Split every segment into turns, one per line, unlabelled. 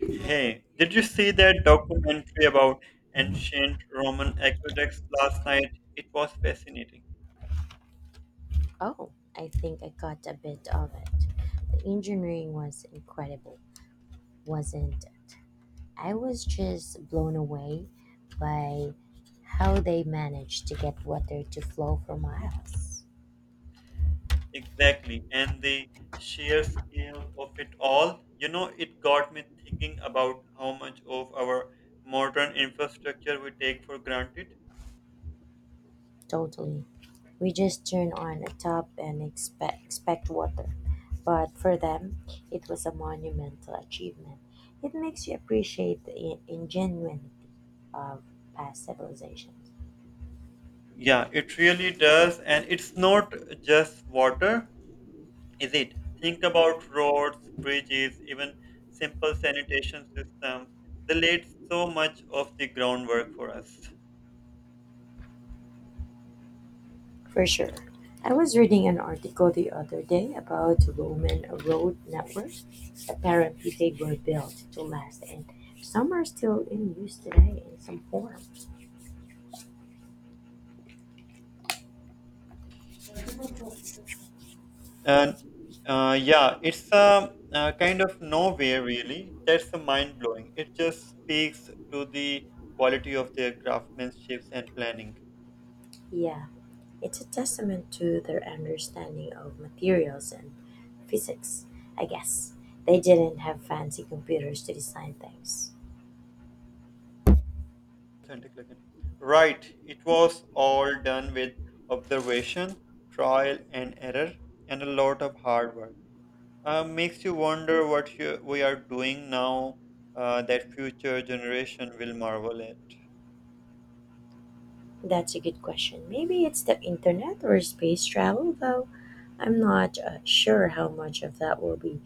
Hey, did you see that documentary about ancient Roman aqueducts last night? It was fascinating.
Oh, I think I got a bit of it. The engineering was incredible, wasn't it? I was just blown away by how they managed to get water to flow for miles.
Exactly. And the sheer scale of it all, you know, it got me thinking about how much of our modern infrastructure we take for granted.
Totally. We just turn on a tap and expect water. But for them, it was a monumental achievement. It makes you appreciate the ingenuity of past civilizations.
Yeah, it really does. And it's not just water, is it? Think about roads, bridges, even simple sanitation systems. They laid so much of the groundwork for us.
For sure. I was reading an article the other day about Roman road networks. Apparently, they were built to last, and some are still in use today in some form.
And Yeah, it's a, kind of nowhere really. That's mind blowing. It just speaks to the quality of their craftsmanship and planning
Yeah, it's a testament to their understanding of materials and physics, I guess. They didn't have fancy computers to design things.
authentic again. Right, it was all done with observation, trial and error, and a lot of hard work. Makes you wonder what we are doing now that future generation will marvel at.
That's a good question. Maybe it's the internet or space travel, though. I'm not sure how much of that will be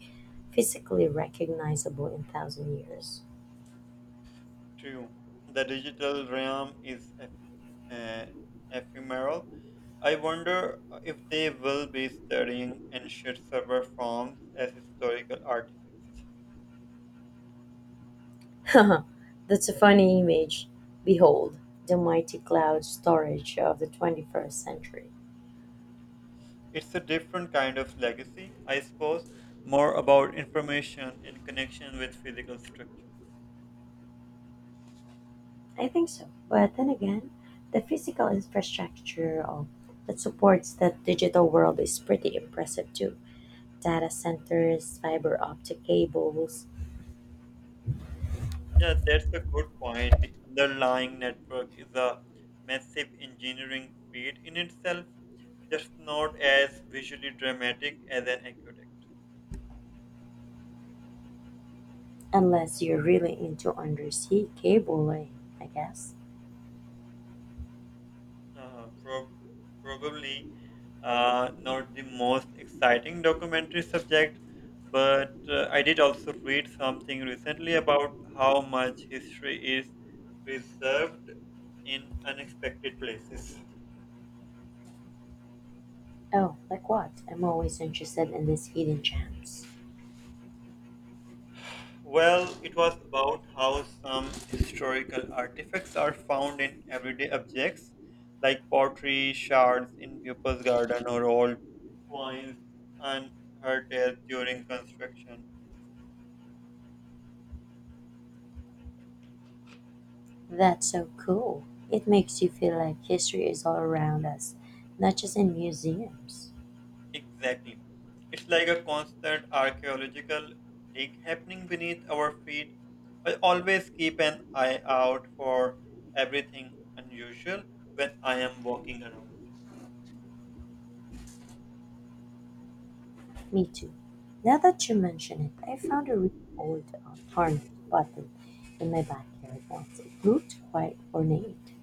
physically recognizable in thousand years.
True. The digital realm is uh, ephemeral. I wonder if they will be studying ancient server forms as historical artifacts.
That's a funny image. Behold, the mighty cloud storage of the 21st century.
It's a different kind of legacy, I suppose, more about information and connection with physical structures.
I think so. But then again, the physical infrastructure of, that supports that digital world is pretty impressive too. Data centers, fiber optic cables,
Yeah, that's a good point. The underlying network is a massive engineering feat in itself, just not as visually dramatic as an aqueduct.
unless you're really into undersea cabling, I guess.
Uh, prob probably not the most exciting documentary subject, but I did also read something recently about how much history is preserved in unexpected places.
Oh, like what? I'm always interested in these hidden gems.
Well, it was about how some historical artifacts are found in everyday objects like pottery shards in people's garden or old coins and heritage during construction.
That's so cool. It makes you feel like history is all around us, not just in museums.
Exactly. It's like a constant archaeological dig happening beneath our feet. I always keep an eye out for everything unusual when I am walking around.
Me too. Now that you mention it, I found a really old tarnished button in my backyard once. It looked quite ornate.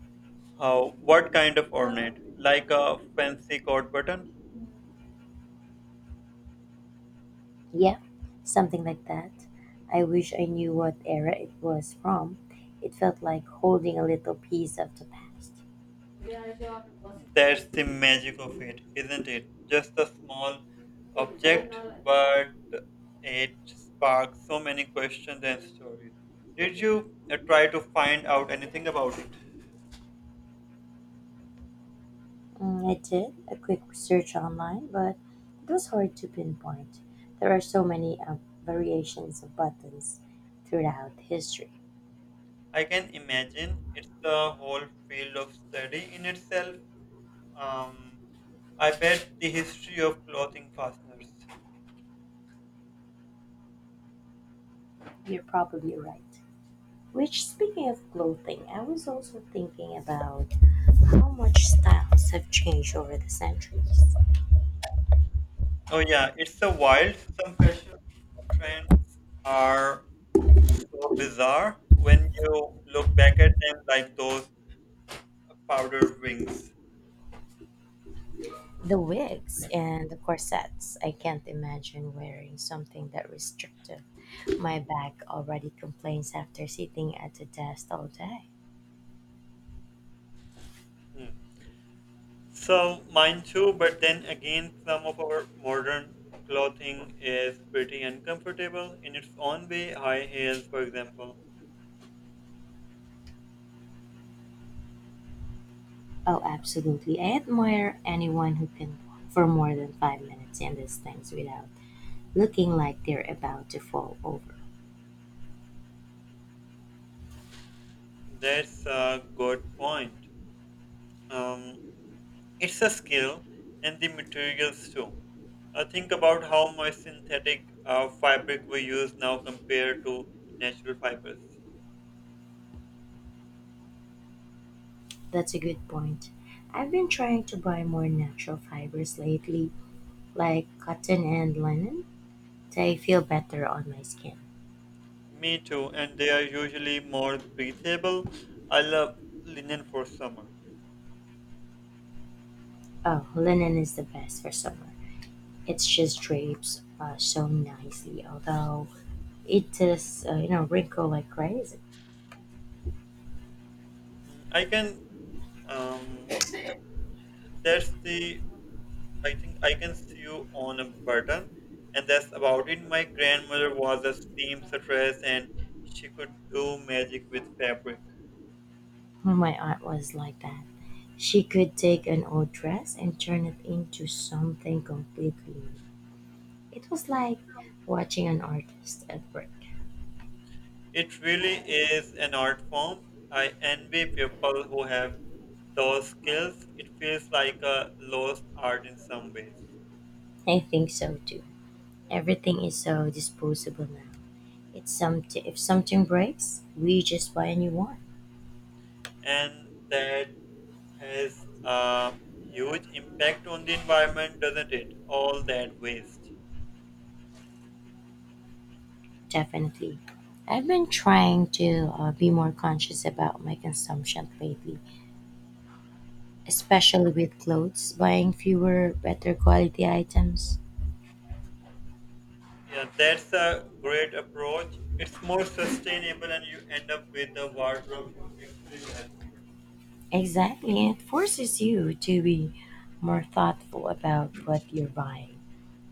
How, what kind of ornate? Like a fancy coat button?
Yeah, something like that. I wish I knew what era it was from. It felt like holding a little piece of the past.
That's the magic of it, isn't it? Just a small object, but it sparks so many questions and stories. Did you try to find out anything about it?
Mm, I did a quick search online, but it was hard to pinpoint. There are so many variations of buttons throughout history.
I can imagine it's a whole field of study in itself. Um, I bet the history of clothing fasteners.
You're probably right. Which, speaking of clothing, I was also thinking about how much styles have changed over the centuries.
Oh yeah, it's a wild. Some fashion trends are so bizarre when you look back at them, like those powdered wings.
The wigs and the corsets. I can't imagine wearing something that restrictive. My back already complains after sitting at a desk all day.
Mm. So mine too, but then again, some of our modern clothing is pretty uncomfortable in its own way. High heels, for example.
Oh, absolutely. I admire anyone who can walk for more than 5 minutes in these things without looking like they're about to fall over.
That's a good point. Um, it's a skill, and the materials too. Think about how much synthetic fabric we use now compared to natural fibers.
That's a good point. I've been trying to buy more natural fibers lately, like cotton and linen. They feel better on my skin.
Me too, and they are usually more breathable. I love linen for summer.
Oh, linen is the best for summer. It just drapes so nicely, although it is, wrinkle like crazy.
Mm, I can um, that's the I think I can see you on a button, and that's about it. My grandmother was a seamstress, and she could do magic with fabric.
Well, my aunt was like that. She could take an old dress and turn it into something completely new. It was like watching an artist at work.
It really is an art form. I envy people who have those skills. It feels like a lost art in some ways,
I think so too. Everything is so disposable now. It's something if something breaks, we just buy a new one.
and that has a huge impact on the environment, doesn't it? All that waste.
Definitely. I've been trying to be more conscious about my consumption lately, especially with clothes, buying fewer, better quality items.
Yeah, that's a great approach. It's more sustainable, and you end up with a wardrobe you actually like.
Exactly. It forces you to be more thoughtful about what you're buying.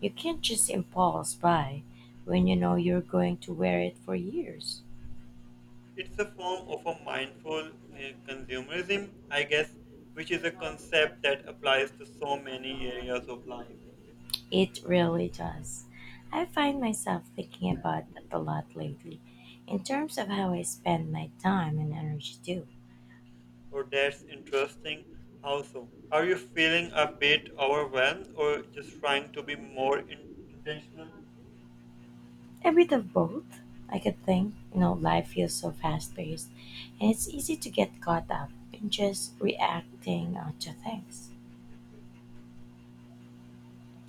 You can't just impulse buy when you know you're going to wear it for years.
It's a form of a mindful consumerism, I guess, which is a concept that applies to so many areas of life.
It really does. I find myself thinking about that a lot lately in terms of how I spend my time and energy too.
Or that's interesting. How so? Are you feeling a bit overwhelmed, or just trying to be more intentional?
A bit of both, I could think. You know, life feels so fast paced and it's easy to get caught up in just reacting to things.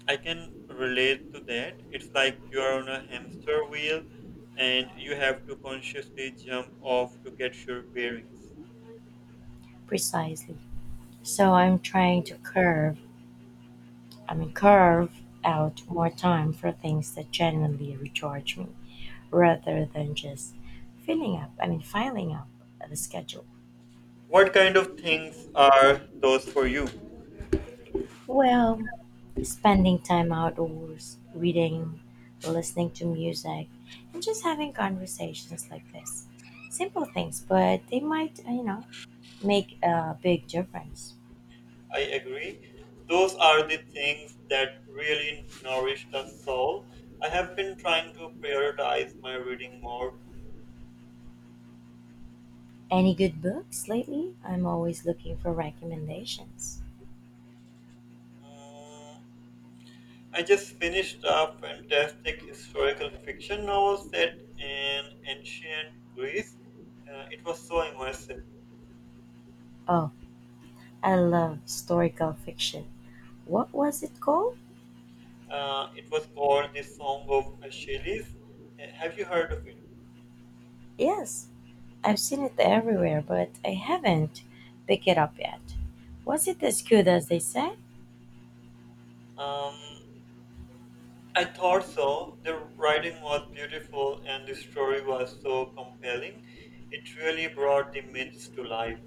I can relate to that. It's like you are on a hamster wheel and you have to consciously jump off to get your bearings.
Precisely. So I'm trying to curve, I mean, curve out more time for things that genuinely recharge me rather than just filling up, I mean, filing up the schedule.
What kind of things are those for you?
Well, spending time outdoors, reading, listening to music, and just having conversations like this. Simple things, but they might make a big difference.
I agree. Those are the things that really nourish the soul. I have been trying to prioritize my reading more.
Any good books lately? I'm always looking for recommendations.
Mm, I just finished a fantastic historical fiction novel set in ancient Greece. It was so immersive.
Oh, I love historical fiction. What was it called?
It was called the Song of Achilles. Have you heard of it?
Yes, I've seen it everywhere, but I haven't picked it up yet. Was it as good as they say?
Um, I thought so. The writing was beautiful and the story was so compelling. It really brought the myths to life.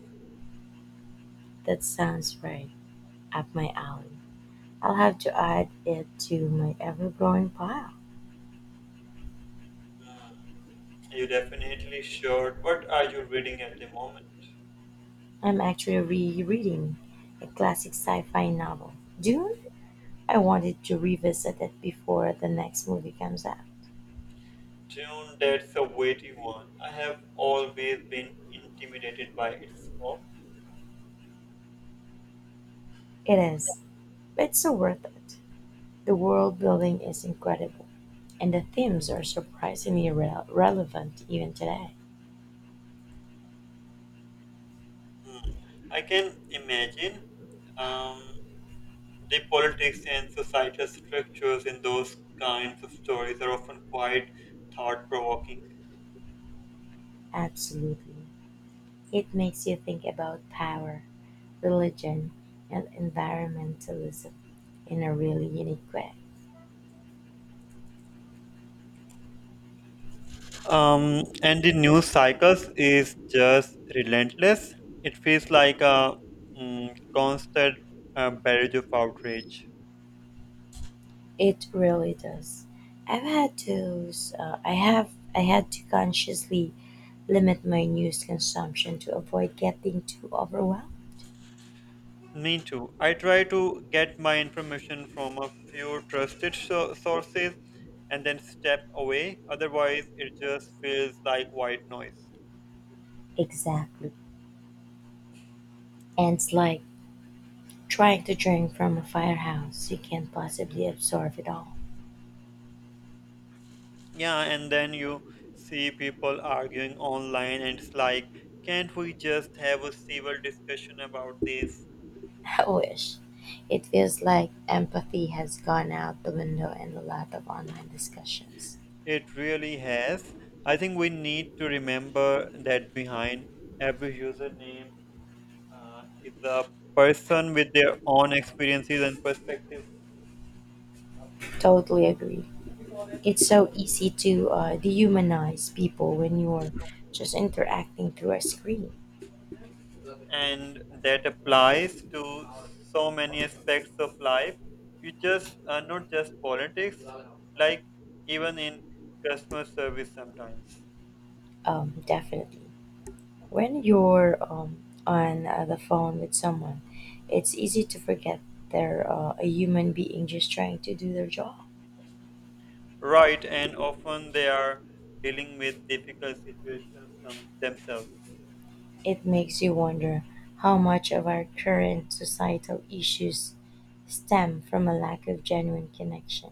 That sounds right up my alley. I'll have to add it to my ever growing pile.
You definitely should. What are you reading at the moment?
I'm actually rereading a classic sci fi novel, Dune. I wanted to revisit it before the next movie comes out.
June, that's a weighty one. I have always been intimidated by its scope.
It is, but it's so worth it. The world building is incredible. And the themes are surprisingly relevant even today.
I can imagine. Um, The politics and societal structures in those kinds of stories are often quite thought provoking.
Absolutely. It makes you think about power, religion, and environmentalism in a really unique way.
And the news cycles is just relentless. It feels like a mm, constant barrage of outrage.
It really does. I've had to I had to consciously limit my news consumption to avoid getting too overwhelmed.
Me too. I try to get my information from a few trusted sources and then step away. Otherwise, it just feels like white noise.
Exactly. And it's like trying to drink from a firehouse. You can't possibly absorb it all.
Yeah, and then you see people arguing online, and it's like, can't we just have a civil discussion about this?
I wish. It feels like empathy has gone out the window in a lot of online discussions.
It really has. I think we need to remember that behind every username is a person with their own experiences and perspectives,
Totally agree. It's so easy to dehumanize people when you're just interacting through a screen.
and that applies to so many aspects of life. You just not just politics, like even in customer service sometimes.
Definitely. When you're on the phone with someone, it's easy to forget they're a human being just trying to do their job.
Right, and often they are dealing with difficult situations themselves.
It makes you wonder how much of our current societal issues stem from a lack of genuine connection.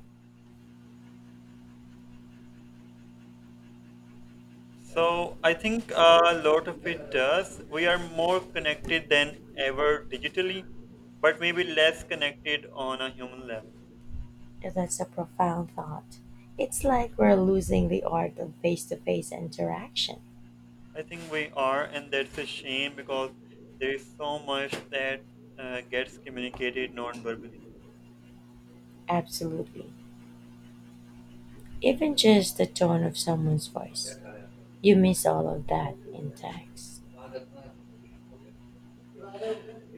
So I think a lot of it does. We are more connected than ever digitally, but maybe less connected on a human level.
That's a profound thought. It's like we're losing the art of face to face interaction.
I think we are, and that's a shame because there is so much that gets communicated non-verbally,
Absolutely. Even just the tone of someone's voice. You miss all of that in text.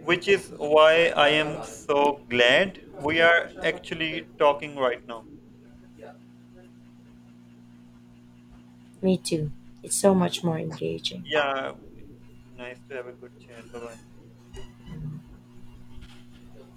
which is why I am so glad we are actually talking right now.
Me too. It's so much more engaging.
Yeah, nice to have a good chat. Bye bye.